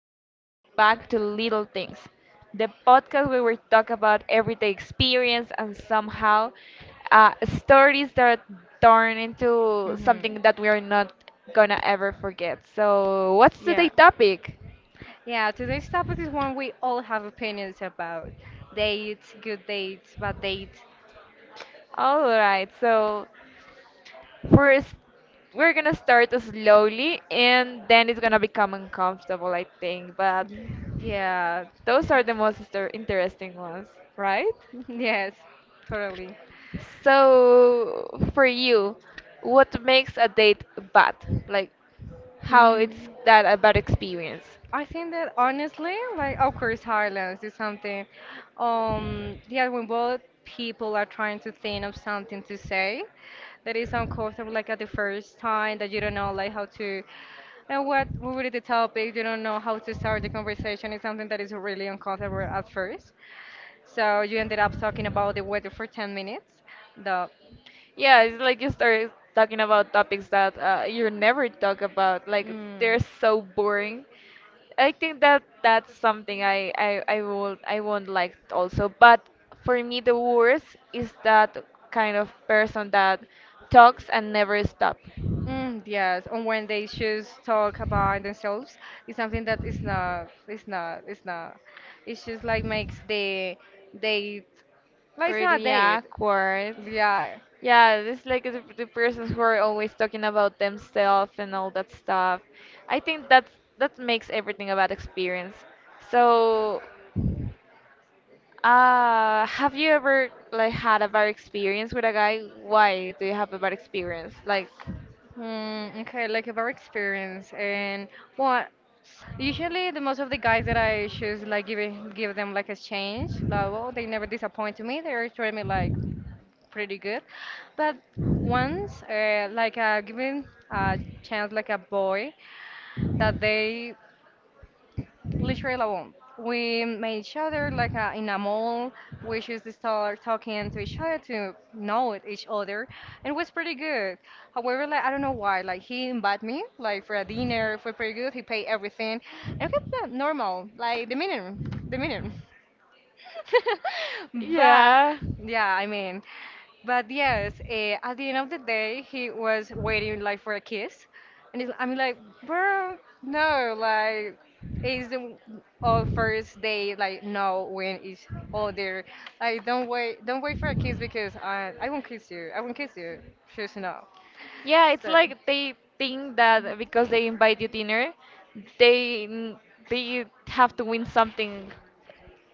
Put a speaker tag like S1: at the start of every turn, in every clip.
S1: and welcome back to Little Things, the podcast where we talk about everyday experience and somehow uh, stories that turn into
S2: Hmm.
S1: something that we are not gonna ever forget. So, what's
S2: Yeah.
S1: today's topic?
S2: Yeah, today's topic is one we all have opinions about. Dates, good dates, bad dates.
S1: All right, so first we're gonna start slowly, and then it's gonna become uncomfortable, I think. But
S2: Yeah.
S1: those are the most interesting ones, right?
S2: Yes, totally.
S1: So, for you, what makes a date bad? Like, how it's
S2: Mm.
S1: that a bad experience?
S2: I think that honestly, like of course Highlands is something yeah, when both people are trying to think of something to say that is uncomfortable, like at the first time that you don't know like how to and what would be the topic, you don't know how to start the conversation is something that is really uncomfortable at first. So you ended up talking about the weather for 10 minutes. The
S1: Yeah, it's like you start talking about topics that you never talk about. Like they're
S2: mm.
S1: so boring. I think that that's something I won't like also. But for me, the worst is that kind of person that talks and never stop.
S2: Mm, yes, and when they just talk about themselves, it's something that is not, it's not. It's just like makes the date, like it's not a
S1: Really
S2: date.
S1: awkward.
S2: Yeah.
S1: Yeah, this like the persons who are always talking about themselves and all that stuff. I think that's that makes everything about experience. So, have you ever like had a bad experience with a guy? Why do you have a bad experience? Like,
S2: Mm, okay, like about experience and what. Usually, the most of the guys that I choose, like giving give them like a change level, they never disappoint me. They always treat me like pretty good. But once, like giving a chance like a boy that they literally alone. We met each other like in a mall. We just start talking to each other to know each other, and it was pretty good. However, like I don't know why, like he invited me like for a dinner. It was pretty good. He paid everything, and it was normal, like the minimum. But
S1: yeah,
S2: yeah, I mean, but yes, at the end of the day, he was waiting like for a kiss, and it's, I'm like, bro, no, like it's the all first day, like no, when it's all there, like don't wait for a kiss because I won't kiss you, just no,
S1: yeah, it's
S2: so
S1: like they think that because they invite you dinner, they n- they have to win something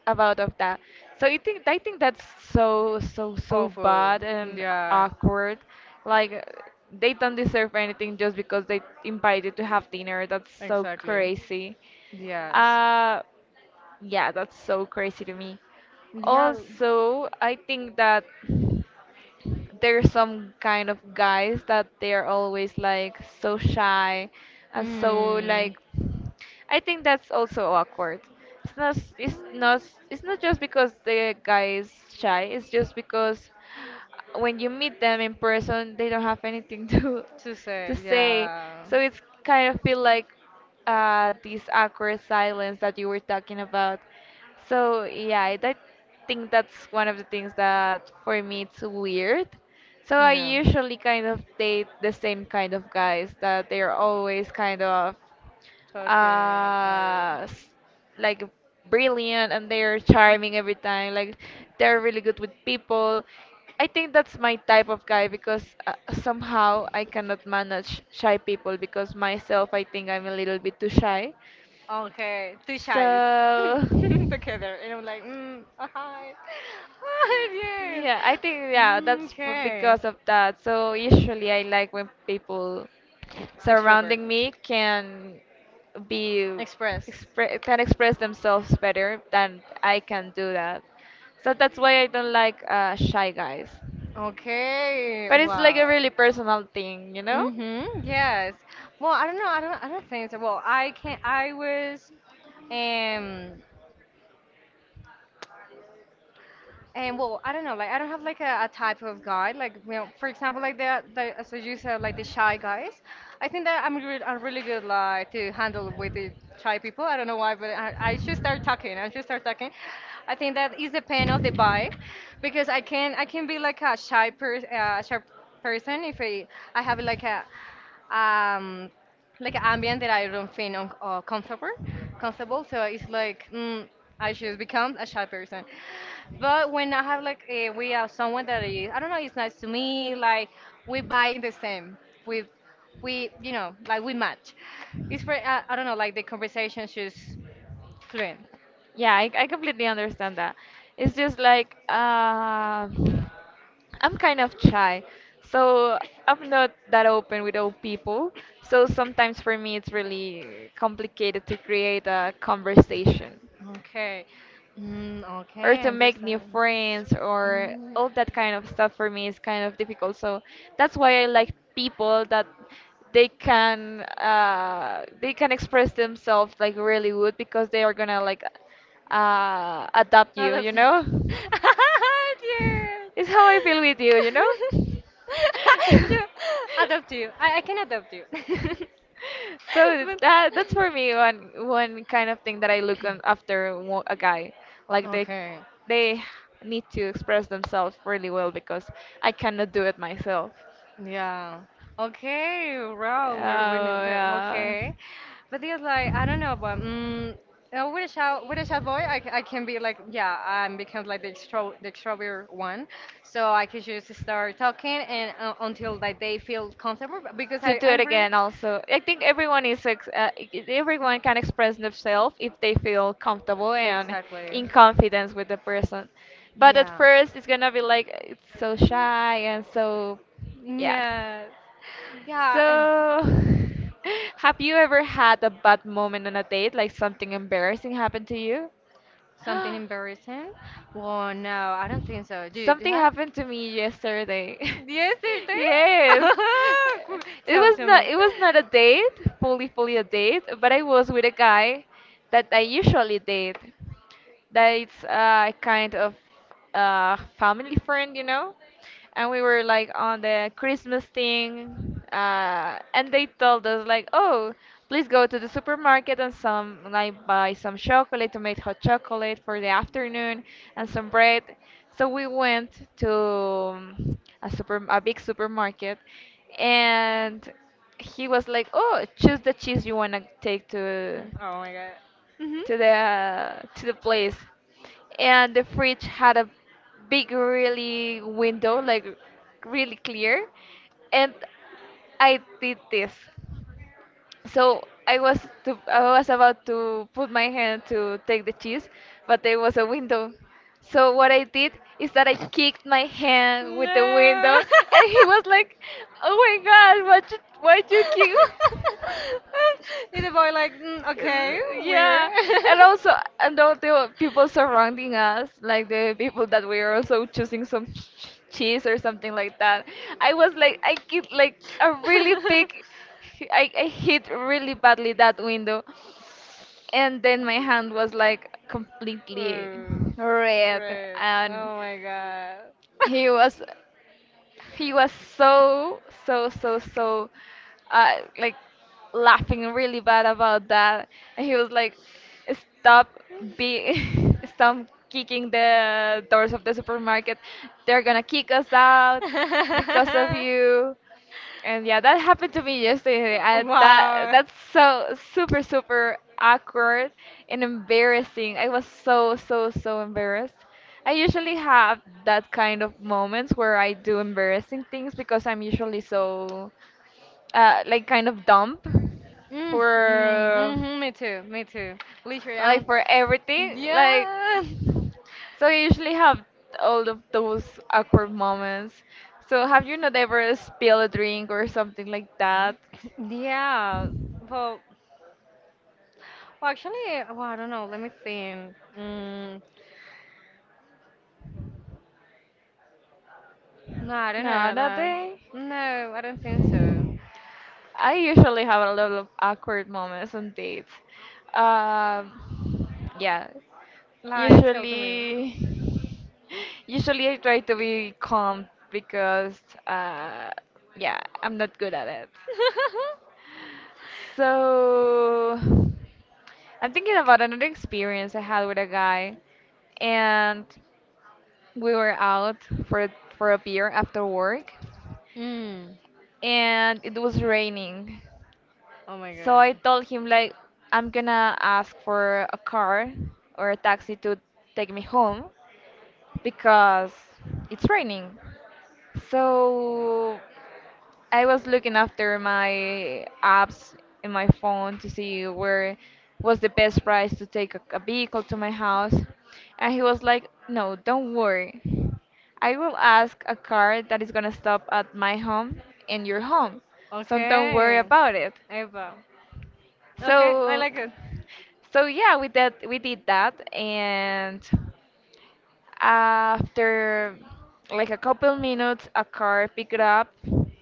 S1: about of that. So I think that's so so so
S2: awful,
S1: bad and
S2: yeah,
S1: awkward. Like they don't deserve anything just because they invited to have dinner. That's so
S2: exactly,
S1: crazy.
S2: yes,
S1: Uh, yeah, that's so crazy to me.
S2: yeah.
S1: Also, I think that there's some kind of guys that they're always like so shy and so
S2: Mm,
S1: like I think that's also awkward. It's not just because the guy is shy, it's just because when you meet them in person they don't have anything
S2: too
S1: to
S2: sad,
S1: say.
S2: yeah.
S1: So it's kind of feel like this awkward silence that you were talking about. So yeah, I think that's one of the things that for me it's weird. So I
S2: Yeah.
S1: usually kind of date the same kind of guys that they're always kind of
S2: Talking or.
S1: uh s- like brilliant and they're charming every time like they're really good with people. I think that's my type of guy because somehow I cannot manage shy people because myself I think I'm a little bit too shy.
S2: Okay, two shies
S1: So
S2: together, and I'm like, mm, oh, hi, oh, yes.
S1: yeah, I think yeah,
S2: Mm,
S1: that's
S2: okay,
S1: because of that. So usually I like when people
S2: extrovert,
S1: surrounding me can be
S2: express.
S1: can express themselves better than I can do that. So that's why I don't like shy guys. But
S2: Okay,
S1: it's like a
S2: wow.
S1: really personal thing, you know?
S2: Mm-hmm. Yes. Well, I don't know. I don't. I don't think so. Well, I can. I was. Um. And well, I don't know, like I don't have like a type of guy. Like you know, for example, like the as you said, like the shy guys. I think that I'm really good like to handle with the shy people. I don't know why, but I should start talking. I think that is the pain of the vibe, because I can be like a shy person if I have like a um like an ambient that I don't feel comfortable. Comfortable, so it's like I should become a shy person. But when I have like we have someone that is I don't know, it's nice to me. Like we buy the same. We you know like we match. It's very I don't know like the conversation is fluent.
S1: Yeah, I completely understand that. It's just like I'm kind of shy, so I'm not that open with old people. So sometimes for me, it's really complicated to create a conversation
S2: Okay. Mm,
S1: or
S2: okay, I
S1: to make new
S2: understand.
S1: friends or
S2: Mm.
S1: all that kind of stuff for me is kind of difficult. So that's why I like people that they can express themselves like really good because they are gonna like adapt
S2: Not
S1: you,
S2: a
S1: you
S2: fan.
S1: know?
S2: Yes.
S1: It's how I feel with you, you know?
S2: Yeah, adopt you. I can adopt you.
S1: So
S2: But
S1: that's for me one kind of thing that I look on after a guy. Like
S2: okay,
S1: they need to express themselves really well because I cannot do it myself.
S2: yeah. Okay,
S1: Oh
S2: wow, we're winning.
S1: wow. Yeah.
S2: Okay, but it's like I don't know, but with a shy boy, I can be like, yeah, I'm become like the extrovert one, so I can just start talking and until like they feel comfortable because
S1: To
S2: I
S1: do
S2: I
S1: it
S2: really
S1: again, also, I think everyone is everyone can express themselves if they feel comfortable and
S2: exactly
S1: in confidence with the person. But at
S2: yeah.
S1: first, it's gonna be like it's so
S2: Mm.
S1: shy and so, yeah.
S2: Yes. Yeah, and
S1: So, have you ever had a bad moment on a date, like something embarrassing happened to you?
S2: something embarrassing? Well, no, I don't think so. Do you
S1: Something
S2: have?
S1: happened to me yesterday.
S2: Yesterday?
S1: Yes.
S2: Cool.
S1: It
S2: Tell
S1: was
S2: to
S1: not
S2: me.
S1: it was not a date, fully fully a date, but I was with a guy that I usually date that it's a kind of family friend, you know. And we were like on the Christmas thing, and they told us like, oh, please go to the supermarket and some like buy some chocolate to make hot chocolate for the afternoon and some bread. So we went to a super a big supermarket, and he was like, "Oh, choose the cheese you wanna take to."
S2: Oh my god. Hmm.
S1: To the to the place and the fridge had a big really window like really clear and I did this, so i was I was about to put my hand to take the cheese, but there was a window. So what I did is that I kicked my hand with the
S2: No.
S1: window, and he was like, "Oh my God, what you, why'd you kick?"
S2: Is the boy like, mm, okay, weird.
S1: yeah, and also and all the people surrounding us like the people that we are also choosing some cheese or something like that, I was like, I get like a really big, I hit really badly that window, and then my hand was like completely
S2: Ooh,
S1: red.
S2: red.
S1: And
S2: Oh my god.
S1: he was he was so so so so like laughing really bad about that. And he was like, stop, be stop kicking the doors of the supermarket, they're gonna kick us out because of you. And yeah, that happened to me yesterday. I, that
S2: Wow.
S1: that's so super super awkward and embarrassing. I was so so so embarrassed. I usually have that kind of moments where I do embarrassing things because I'm usually so like kind of dumb
S2: Mm, mm,
S1: for
S2: mhm, me too. Literally,
S1: like for everything, like
S2: yeah,
S1: so you usually have all of those awkward moments. So have you not ever spilled a drink or something like that?
S2: yeah. Well, well, actually, well, I don't know. Let me think. Mm, no, I don't
S1: No,
S2: know.
S1: not
S2: Like,
S1: they
S2: no, I don't think so.
S1: I usually have a lot of awkward moments on dates. um yeah,
S2: Like, tell to me.
S1: usually usually I try to be calm because uh yeah, I'm not good at it. So I'm thinking about another experience I had with a guy, and we were out for a beer after work,
S2: Mm,
S1: and it was raining.
S2: oh my
S1: So I
S2: God.
S1: told him like, I'm gonna ask for a car or a taxi to take me home because it's raining. So I was looking after my apps in my phone to see where was the best price to take a vehicle to my house. And he was like, no, don't worry. I will ask a car that is going to stop at my home and your home. So don't worry
S2: Okay.
S1: about it.
S2: Eva. Okay, I
S1: So
S2: like it.
S1: so yeah, we did that, and after like a couple minutes, a car picked up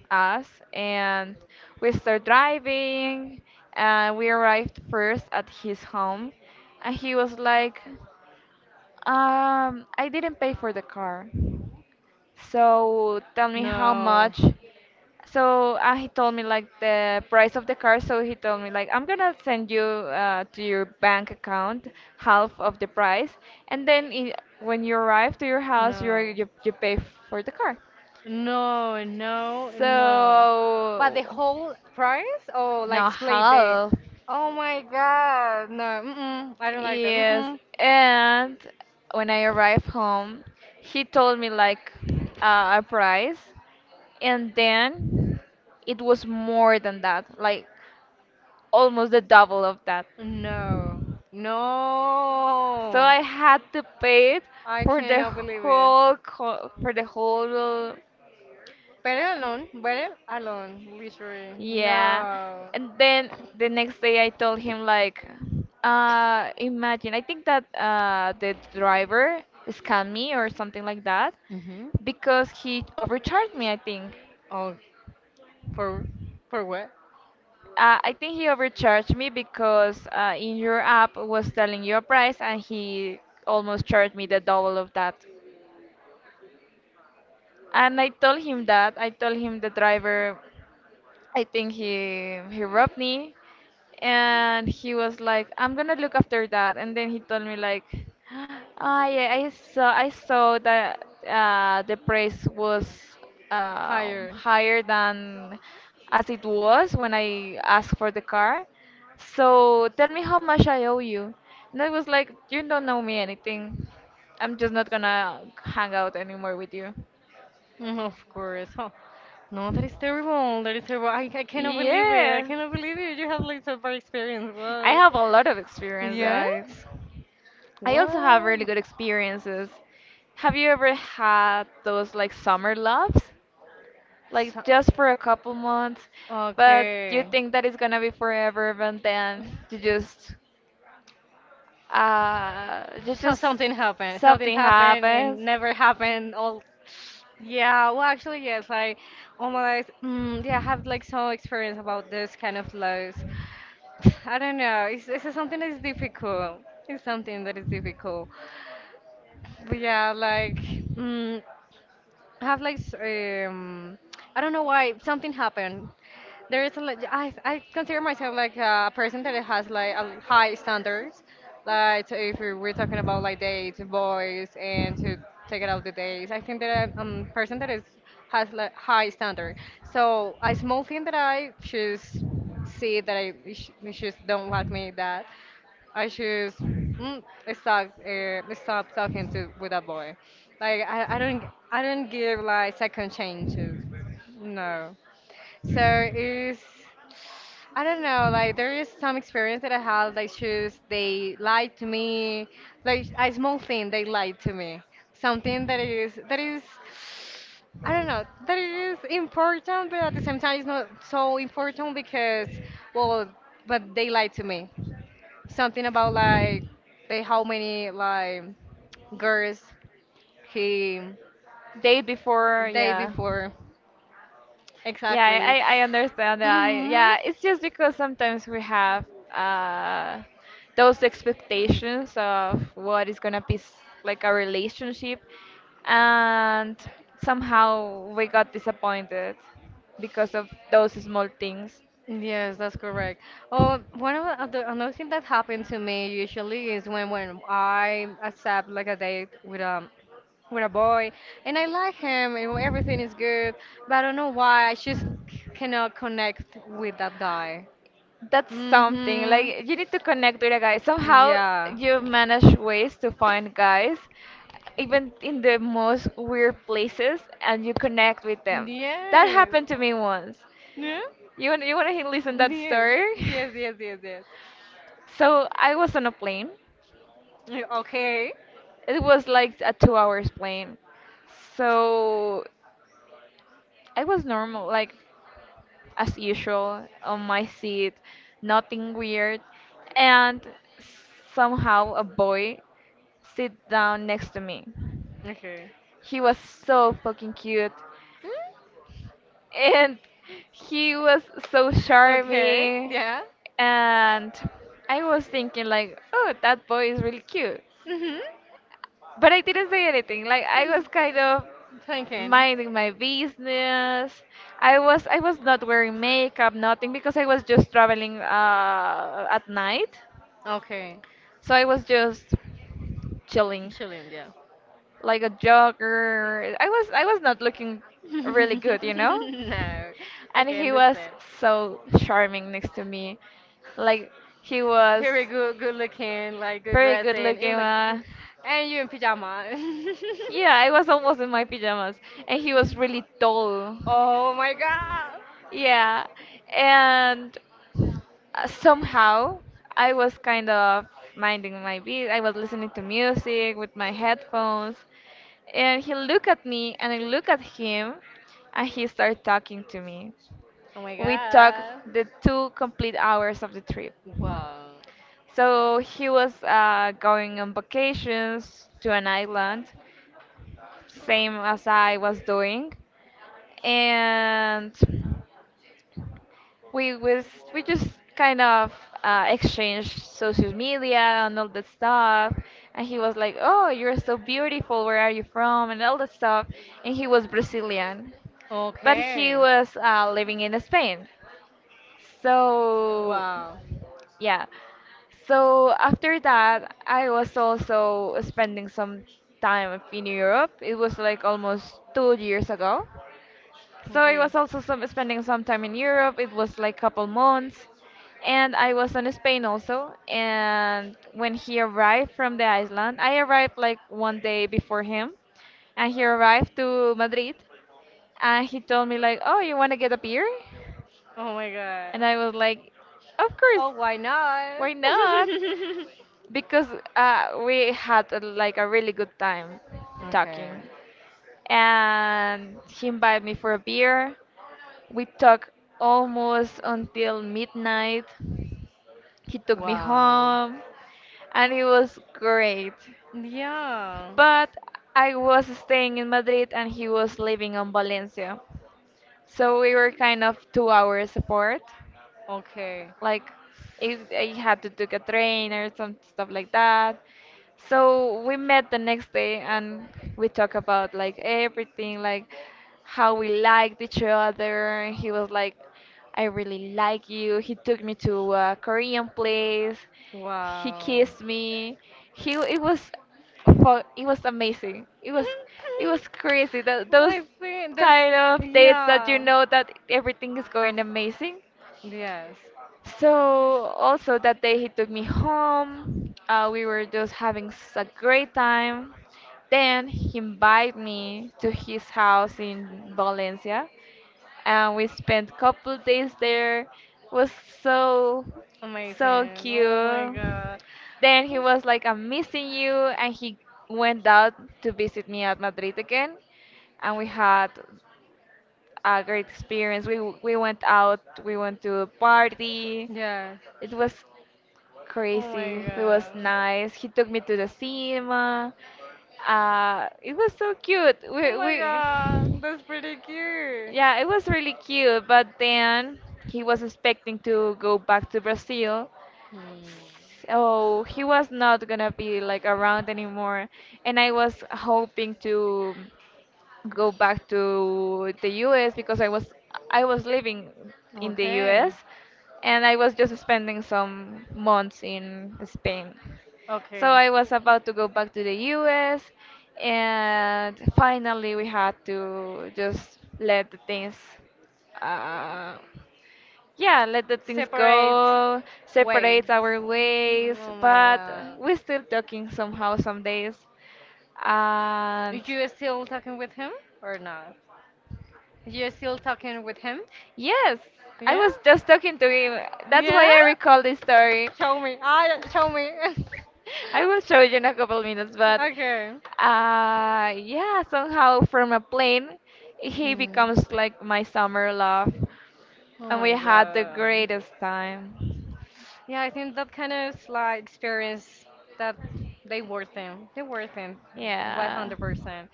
S1: us, and we start driving, and we arrived first at his home, and he was like, I didn't pay for the car. So tell me how
S2: No.
S1: much. So he told me like the price of the car. So he told me like, I'm gonna send you to your bank account half of the price, and then I when you arrive to your house, you
S2: No.
S1: you you pay for the car.
S2: No. But
S1: So
S2: the whole price? Oh,
S1: no,
S2: like split the.
S1: half.
S2: Oh my God. No, mm-mm, I don't like that.
S1: Yes,
S2: Mm-mm.
S1: and when I arrived home, he told me like a price, and then it was more than that, like almost the double of that.
S2: No,
S1: So
S2: no.
S1: I had to pay it
S2: I
S1: for the
S2: cannot believe it.
S1: for the whole,
S2: Better alone, literally.
S1: yeah.
S2: No.
S1: And then the next day I told him like, imagine, I think that the driver scammed me or something like that
S2: Mm-hmm.
S1: because he overcharged me, I think.
S2: Oh, for for what?
S1: I think he overcharged me because in your app was telling you a price and he almost charged me the double of that. And I told him that. I told him the driver. I think he robbed me, and he was like, I'm gonna look after that. And then he told me like, ah, yeah, I saw that the price was
S2: Higher.
S1: higher than as it was when I asked for the car. So tell me how much I owe you. And I was like, you don't know me anything. I'm just not gonna hang out anymore with you.
S2: Mm, of course. Oh, no, that is terrible. That is terrible. I cannot believe it.
S1: Yeah,
S2: You have like so bad experience.
S1: I
S2: What?
S1: have a lot of experience, guys.
S2: Yes?
S1: I also have
S2: What?
S1: really good experiences. Have you ever had those like summer loves? Like,
S2: So-
S1: just for a couple months, but you
S2: okay.
S1: think that it's gonna be forever, but then you just uh you just
S2: Something
S1: something
S2: happened and
S1: happens.
S2: never happened. All yeah. Well, actually, yes. Like, oh my, God, mm, yeah. I have like some experience about this kind of loss. I don't know. It's something that is difficult. It's something that is difficult. But yeah, like. Mm, have like I don't know why something happened. There is a, like I consider myself like a person that has like a high standards. Like if we're talking about like dates, boys, and to take it out the days, I think that I'm a person that is has like high standard. So a small thing that I choose see that I she just don't like me that. I choose mm, stop talking to with a boy. Like I don't give like second chances. No. So it's I don't know, like there is some experience that I had like shoes they lied to me. Like a small thing they lied to me. Something that is I don't know, that is important but at the same time it's not so important because well but they lied to me something about like they how many like girls he
S1: Date before,
S2: day
S1: yeah.
S2: before
S1: Yeah,
S2: exactly.
S1: I understand that. I,
S2: Hmm.
S1: yeah, it's just because sometimes we have uh, those expectations of what is gonna be like a relationship, and somehow we got disappointed because of those small things.
S2: Yes, that's correct. Oh, one of the other another thing that happened to me usually is when I accept like a date with a boy, and I like him and everything is good but I don't know why I just cannot connect with that guy.
S1: That's something,
S2: Mm-hmm.
S1: like, you need to connect with a guy somehow.
S2: Yeah.
S1: You manage ways to find guys even in the most weird places and you connect with them. That
S2: Yes.
S1: happened to me once.
S2: No?
S1: You want to listen that
S2: Yes.
S1: story?
S2: Yes.
S1: so I was on a plane,
S2: Eh, okay.
S1: it was like a 2 hours plane, so I was normal like as usual on my seat, nothing weird, and somehow a boy sit down next to me.
S2: Okay.
S1: He was so fucking cute,
S2: Hmm?
S1: and he was so
S2: Okay.
S1: charming,
S2: Yeah.
S1: and I was thinking like, oh, that boy is really cute.
S2: Mm-hmm.
S1: But I didn't say anything. Like I was kind of
S2: Thinking.
S1: minding my business. I was not wearing makeup, nothing, because I was just traveling at night.
S2: Okay.
S1: So I was just chilling,
S2: Chilling, yeah.
S1: like a jogger. I was not looking really good.
S2: No.
S1: And
S2: Okay,
S1: he was
S2: understand.
S1: so charming next to me, like he was
S2: Very good, good looking, like good
S1: very good
S2: dressing. It
S1: looking
S2: was like, mm,
S1: man.
S2: and you in pajama.
S1: Yeah, I was almost in my pajamas, and he was really tall.
S2: Oh my god.
S1: Yeah, and somehow I was kind of minding my beat. I was listening to music with my headphones, and he looked at me, and I looked at him, and he started talking to me.
S2: Oh my
S1: We talked
S2: god.
S1: the 2 complete hours of the trip.
S2: Wow.
S1: So he was going on vacations to an island, same as I was doing, and we was we just kind of exchanged social media and all that stuff. And he was like, "Oh, you're so beautiful. Where are you from?" and all that stuff. And he was Brazilian, but he
S2: Okay.
S1: was living in Spain. So,
S2: Wow.
S1: yeah. So after that, I was also spending some time in Europe. It was like almost 2 years ago. So I
S2: Okay.
S1: was also spending some time in Europe. It was like couple months, and I was in Spain also. And when he arrived from the island, I arrived like 1 day before him, and he arrived to Madrid, and he told me like, "Oh, you want to get a beer?"
S2: Oh my god.
S1: And I was like, of course,
S2: Oh, why not?
S1: why not? Because we had like a really good time
S2: Okay.
S1: talking. And he invited me for a beer. We talked almost until midnight. He took me
S2: Wow.
S1: home and it was great.
S2: Yeah.
S1: But I was staying in Madrid and he was living on Valencia. So we were kind of 2 hours apart.
S2: Okay.
S1: Like if I had to take a train or some stuff like that. So we met the next day and we talked about like everything, like how we liked each other. He was like, I really like you. He took me to a Korean place. He
S2: Wow.
S1: kissed me. He it was fu- It was amazing. It was crazy. Tho- those
S2: I think that's
S1: kind of dates that you
S2: yeah.
S1: know that everything is going amazing.
S2: Yes.
S1: So also that day he took me home. We were just having a great time. Then he invited me to his house in Valencia, and we spent a couple days there. It was so so
S2: Amazing. Oh my
S1: cute.
S2: god.
S1: Then he was like, "I'm missing you," and he went out to visit me at Madrid again, and we had a great experience. We went out, we went to a party.
S2: Yes.
S1: It was
S2: Oh my
S1: crazy. It was
S2: god.
S1: nice. He took me to the cinema. It was so cute.
S2: Oh my god. That's pretty cute.
S1: Yeah, it was really cute. But then he was expecting to go back to Brazil.
S2: Hmm.
S1: So he was not gonna be like around anymore. And I was hoping to go back to the US because I was living in the
S2: Okay.
S1: US and I was just spending some months in Spain. So
S2: Okay.
S1: I was about to go back to the US and finally we had to just let the things uh, yeah, let the things
S2: Separate
S1: go,
S2: way.
S1: separate our ways,
S2: Oh my
S1: but
S2: god.
S1: we're still talking somehow some days. And
S2: You still talking with him or not? You still talking with him?
S1: yes, I
S2: Yeah?
S1: was just talking to him. That's
S2: Yeah?
S1: why I recall this story.
S2: Show me. Ah, show me.
S1: I will show you in a couple minutes, but
S2: Okay.
S1: yeah, somehow from a plane, he
S2: Mm.
S1: becomes like my summer love,
S2: Oh
S1: and we
S2: my
S1: had the
S2: god.
S1: greatest time.
S2: Yeah, I think that kind of like experience that they worth it. They worth it,
S1: Yeah,
S2: 100%.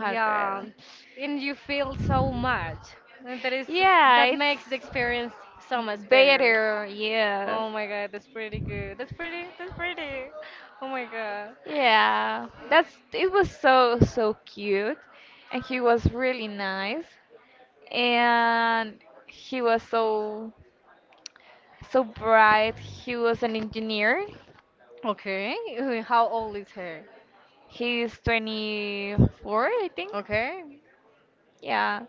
S2: Yeah, and you feel so much, and that is that
S1: Yeah, it's
S2: makes the experience so much better.
S1: better. Yeah.
S2: Oh my God, that's pretty good. That's pretty. That's pretty. Oh my God.
S1: Yeah. That's it was so so cute and he was really nice and he was so so bright. He was an engineer.
S2: Okay, how old is her?
S1: He's 24, I think.
S2: Okay.
S1: Yeah.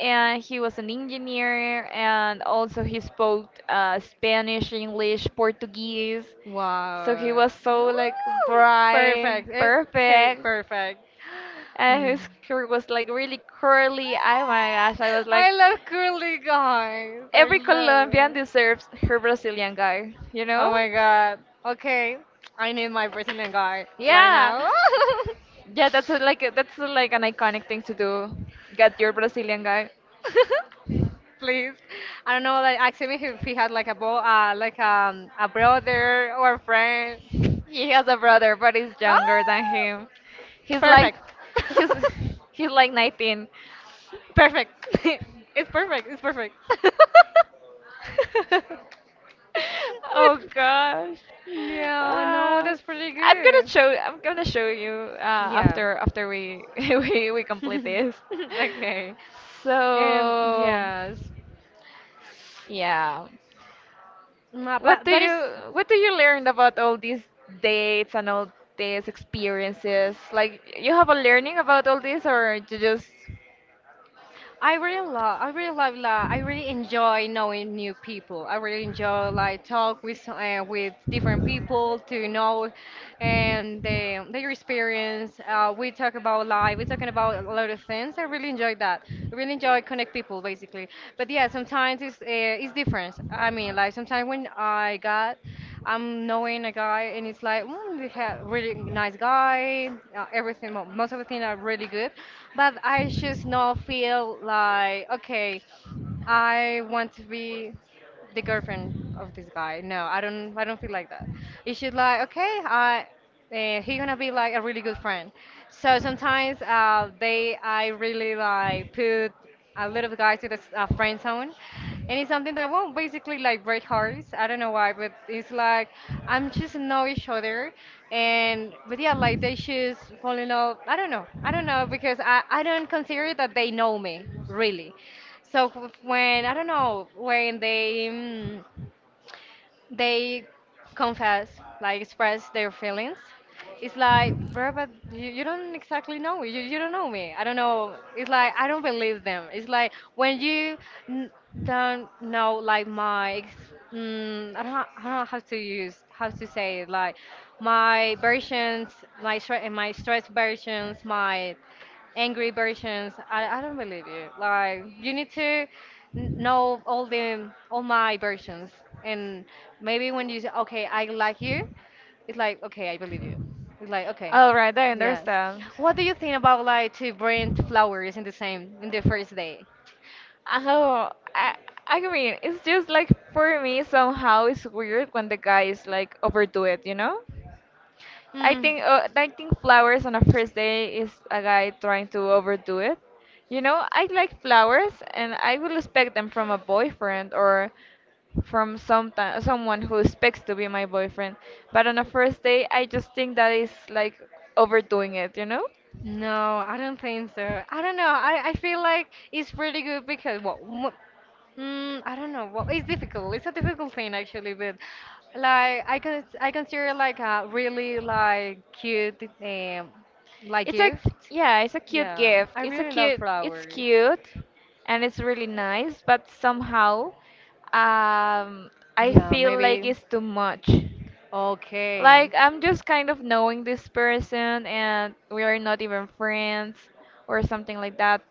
S1: And he was an engineer and also he spoke Spanish, English, Portuguese. So he
S2: Wow.
S1: was so like
S2: Ooh,
S1: bright,
S2: perfect.
S1: perfect,
S2: Perfect.
S1: and
S2: Mm.
S1: his hair was like really curly. Oh my gosh, I was like,
S2: I love curly guys. I
S1: every
S2: love
S1: Colombian
S2: it.
S1: deserves her Brazilian guy, you
S2: Oh
S1: know?
S2: my god. Okay, I need my Brazilian guy right
S1: Yeah,
S2: now.
S1: yeah, that's a, like an iconic thing to do. Get your Brazilian guy.
S2: Please. I don't know, like ask him if he had like a bo like a brother or a friend.
S1: He has a brother, but he's
S2: Oh,
S1: younger than him. He's like,
S2: perfect.
S1: he's he's like 19.
S2: Perfect. It's perfect.
S1: Oh
S2: But
S1: gosh.
S2: yeah, no, that's pretty
S1: I'm gonna
S2: good.
S1: show you
S2: Yeah.
S1: after we we complete this.
S2: Okay.
S1: So
S2: Yes.
S1: yeah. What
S2: But
S1: do
S2: that is,
S1: you what do you learn about all these dates and all these experiences? Like you have a learning about all this or you just
S2: I really enjoy knowing new people. I really enjoy like talk with different people to know and their experience. We talk about life. We're talking about a lot of things. I really enjoy that. I really enjoy connect perfect people basically. But yeah, sometimes it's different. I mean, like sometimes when I got, I'm knowing a guy and it's like, mm, they have really nice guy, everything, most of the things are really good, but I just not feel like okay, I want to be the girlfriend of this guy. No, I don't. I don't feel like that. You should like, okay, I, he gonna be like a really good friend. So sometimes I really like put a little guy to the friend zone, and it's something that won't basically like break hearts. I don't know why, but it's like I'm just know each other, and but yeah, like they just fall in love. I don't know because I don't consider that they know me really. So when I don't know when they they confess like express their feelings, it's like bro, but you don't exactly know me. You don't know me. I don't know. It's like I don't believe them. It's like when you n don't know, like, my ex, I don't know how to say it, like my versions, my stress versions, my angry versions. I don't believe you. Like, you need to know all my versions, and maybe when you say okay, I like you, it's like okay, I believe you. It's like okay,
S1: all right, I
S2: yes.
S1: understand.
S2: What do you think about, like, to bring flowers in the same in the first day?
S1: Oh, I, I mean, it's just like for me somehow it's weird when the guy is like overdo it, you know?
S2: Mm.
S1: I think flowers on a first day is a guy trying to overdo it. You know, I like flowers and I will expect them from a boyfriend or from someone who expects to be my boyfriend. But on a first day, I just think that is like overdoing it, you know?
S2: No, I don't think so. I don't know. I feel like it's pretty good because, well, I don't know. Well, it's difficult. It's a difficult thing actually, but like I consider, like, a really like cute
S1: Like
S2: like
S1: It's a
S2: gift.
S1: Yeah, it's a cute
S2: Yeah,
S1: gift.
S2: I really love
S1: It's
S2: flowers.
S1: cute and it's really nice, but somehow um I
S2: Yeah,
S1: feel like
S2: maybe.
S1: it's too much.
S2: Okay.
S1: Like I'm just kind of knowing this person and we are not even friends or something like that.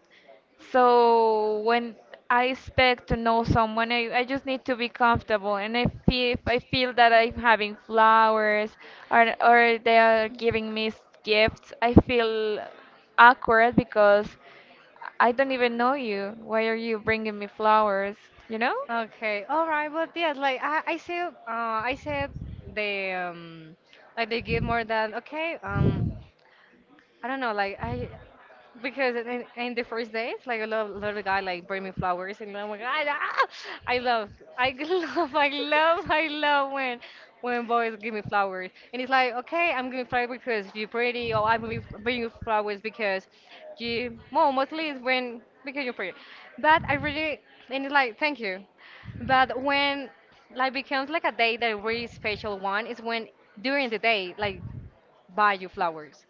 S1: So when I expect to know someone, I just need to be comfortable. And if I feel that I'm having flowers or they are giving me gifts, I feel awkward because I don't even know you. Why are you bringing me flowers? You know?
S2: Know? Okay, all right, but yes, like I said, they, like they give more than okay. I don't know, like I, because in the first days, like a love little guy like bring me flowers and I'm like, I, ah, yeah." I love I love I love I love when boys give me flowers, and it's like, okay, I'm giving flowers because you're pretty, or I believe bring you flowers because you, well, mostly it's when because you're pretty, but I really, and it's like thank you, but when like becomes like a day that really special one is when during the day like buy you flowers,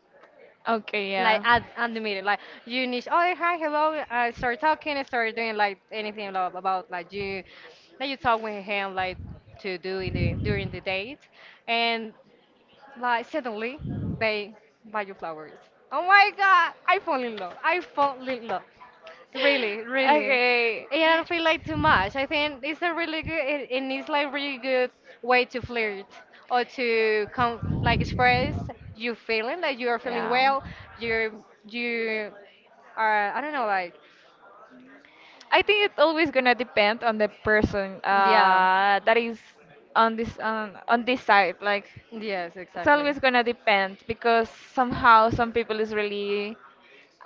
S1: Okay,
S2: like
S1: yeah.
S2: at the meeting, like you need, oh, hi, hello, I start talking and start doing like anything about, about like you, that you talk with him, like to do in the during the date, and like suddenly they buy you flowers. Oh my God, I fall in love. I fall in love. Really, really.
S1: Okay.
S2: And I don't feel like too much. I think it's a really good and it's like really good way to flirt, or to come like express you feeling, like you are feeling well. You are, I don't
S1: Yeah.
S2: know, like,
S1: I think it's always gonna depend on the person
S2: yeah.
S1: that is on this side. Like
S2: Yes,
S1: it's
S2: exactly.
S1: always gonna depend because somehow some people is really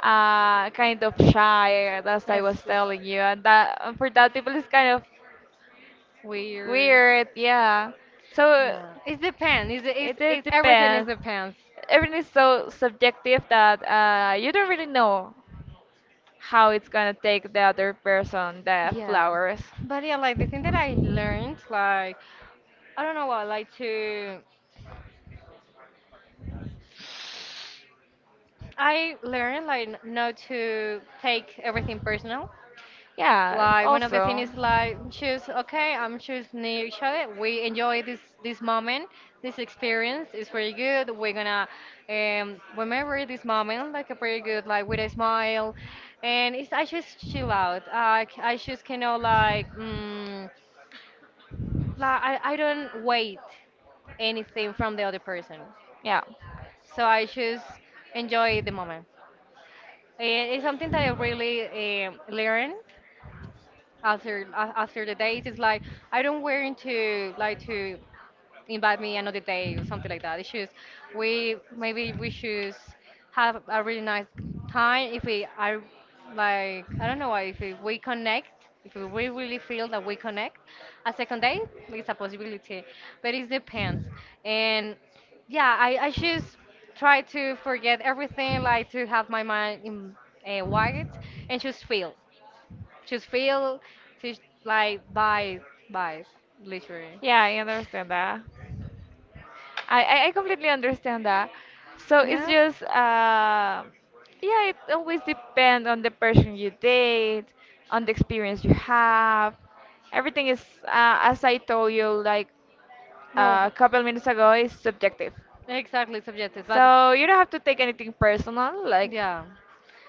S1: kind of shy, as I
S2: It's
S1: was
S2: just
S1: telling you, and that and for that people is kind of
S2: weird.
S1: weird. Yeah, so
S2: Yeah. It depends. It's, it's,
S1: it
S2: it's everything is
S1: depends.
S2: depends.
S1: Everything is so subjective that you don't really know how it's gonna take the other person the
S2: Yeah.
S1: flowers.
S2: But yeah, like the thing that I learned, like, I don't know what, like to I learned like not to take everything personal.
S1: Yeah,
S2: Like one of the
S1: also.
S2: things is like, choose okay, I'm choose near each other. We enjoy this moment, this experience is pretty good. We're gonna, remember this moment like a pretty good, like, with a smile, and it's, I just chill out. I just cannot like, like I don't wait anything from the other person,
S1: Yeah,
S2: so I just enjoy the moment. It's something that I really learned after after the days. It's like, I don't want to like to invite me another day or something like that, it's just, we maybe we should have a really nice time if we are, like, I don't know, if we connect, if we really feel that we connect, a second day is a possibility, but it depends. And yeah, I just try to forget everything, like to have my mind in white, and just feel, just feel, she's like buy, buy, literally.
S1: yeah, I understand that. I completely understand that. So it's
S2: Yeah.
S1: just, yeah, it always depends on the person you date, on the experience you have. Everything is, as I told you, like
S2: No.
S1: a couple minutes ago, is subjective.
S2: Exactly subjective, but
S1: So you don't have to take anything personal. Like
S2: yeah,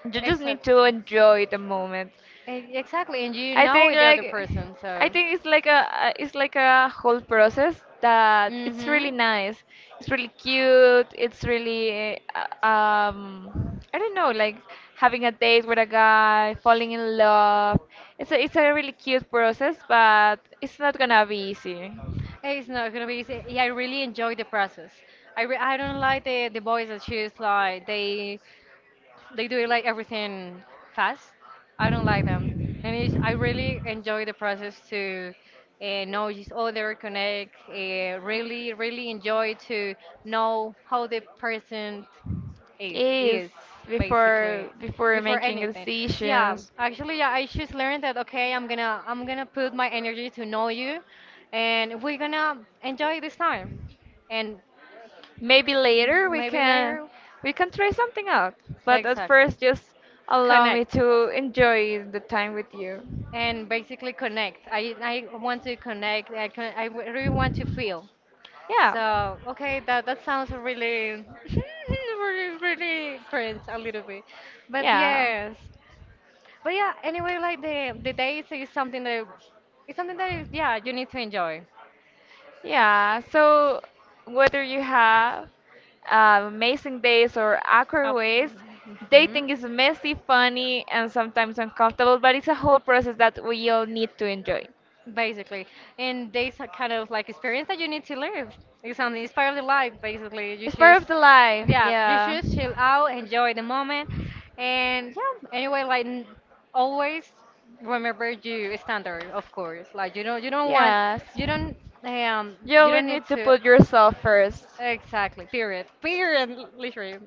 S1: you just need
S2: exactly.
S1: to enjoy the moment.
S2: Exactly, and you
S1: I
S2: know
S1: think
S2: with the
S1: like
S2: other person,
S1: I
S2: so.
S1: think it's like a whole process that it's really
S2: Mhm.
S1: nice. It's really cute. It's really I don't know like having a date with a guy, falling in love. It's a really cute process, but it's not gonna be easy.
S2: It's not gonna be easy. Yeah, I really enjoy the process. I don't like the boys that choose like they do it like everything fast. I don't like them, and it's, I really enjoy the process to, know each other, connect, really, really enjoy to know how the person
S1: Is
S2: is, basically
S1: before
S2: before
S1: making
S2: anything. Yeah,
S1: decisions,
S2: actually, yeah, I just learned that, okay, I'm gonna put my energy to know you, and we're gonna enjoy this time, and
S1: maybe later we
S2: maybe
S1: can
S2: later,
S1: try something out. But at
S2: exactly,
S1: first, just allow me
S2: connect,
S1: to enjoy the time with you.
S2: and basically connect. I want to connect. I really want to feel.
S1: Yeah.
S2: So okay, that sounds really, really, really cringe a little bit, but
S1: Yeah.
S2: yes, but yeah. Anyway, like the days is something that, it's something that is, yeah, you need to enjoy.
S1: Yeah, so whether you have amazing days or
S2: Uh,
S1: awkward ways,
S2: mhm.
S1: dating is messy, funny, and sometimes uncomfortable, but it's a whole process that we all need to enjoy.
S2: Basically, and there's a kind of like experience that you need to live. It's on, it's part of the life, basically. You
S1: It's part
S2: just,
S1: of the life,
S2: yeah, you
S1: yeah.
S2: just chill out, enjoy the moment, and yeah. Anyway, like, always remember your standard, of course. Like, you don't want,
S1: Yes.
S2: you don't, um,
S1: You
S2: you
S1: always
S2: don't need
S1: need to
S2: to,
S1: put yourself first.
S2: exactly. Period. Period. Literally.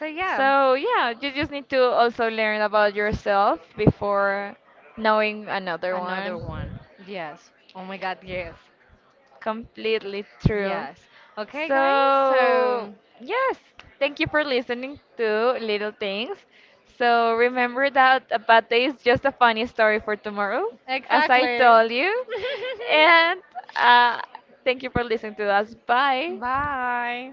S2: So yeah,
S1: So yeah, you just need to also learn about yourself before knowing another
S2: another
S1: one.
S2: one. Yes. Oh my God. Yes.
S1: Completely true.
S2: Yes. Okay, guys.
S1: So
S2: So.
S1: yes, thank you for listening to Little Things. So remember that a bad day is just a funny story for tomorrow, as I
S2: Exactly.
S1: told you. And uh, thank you for listening to us. Bye.
S2: Bye.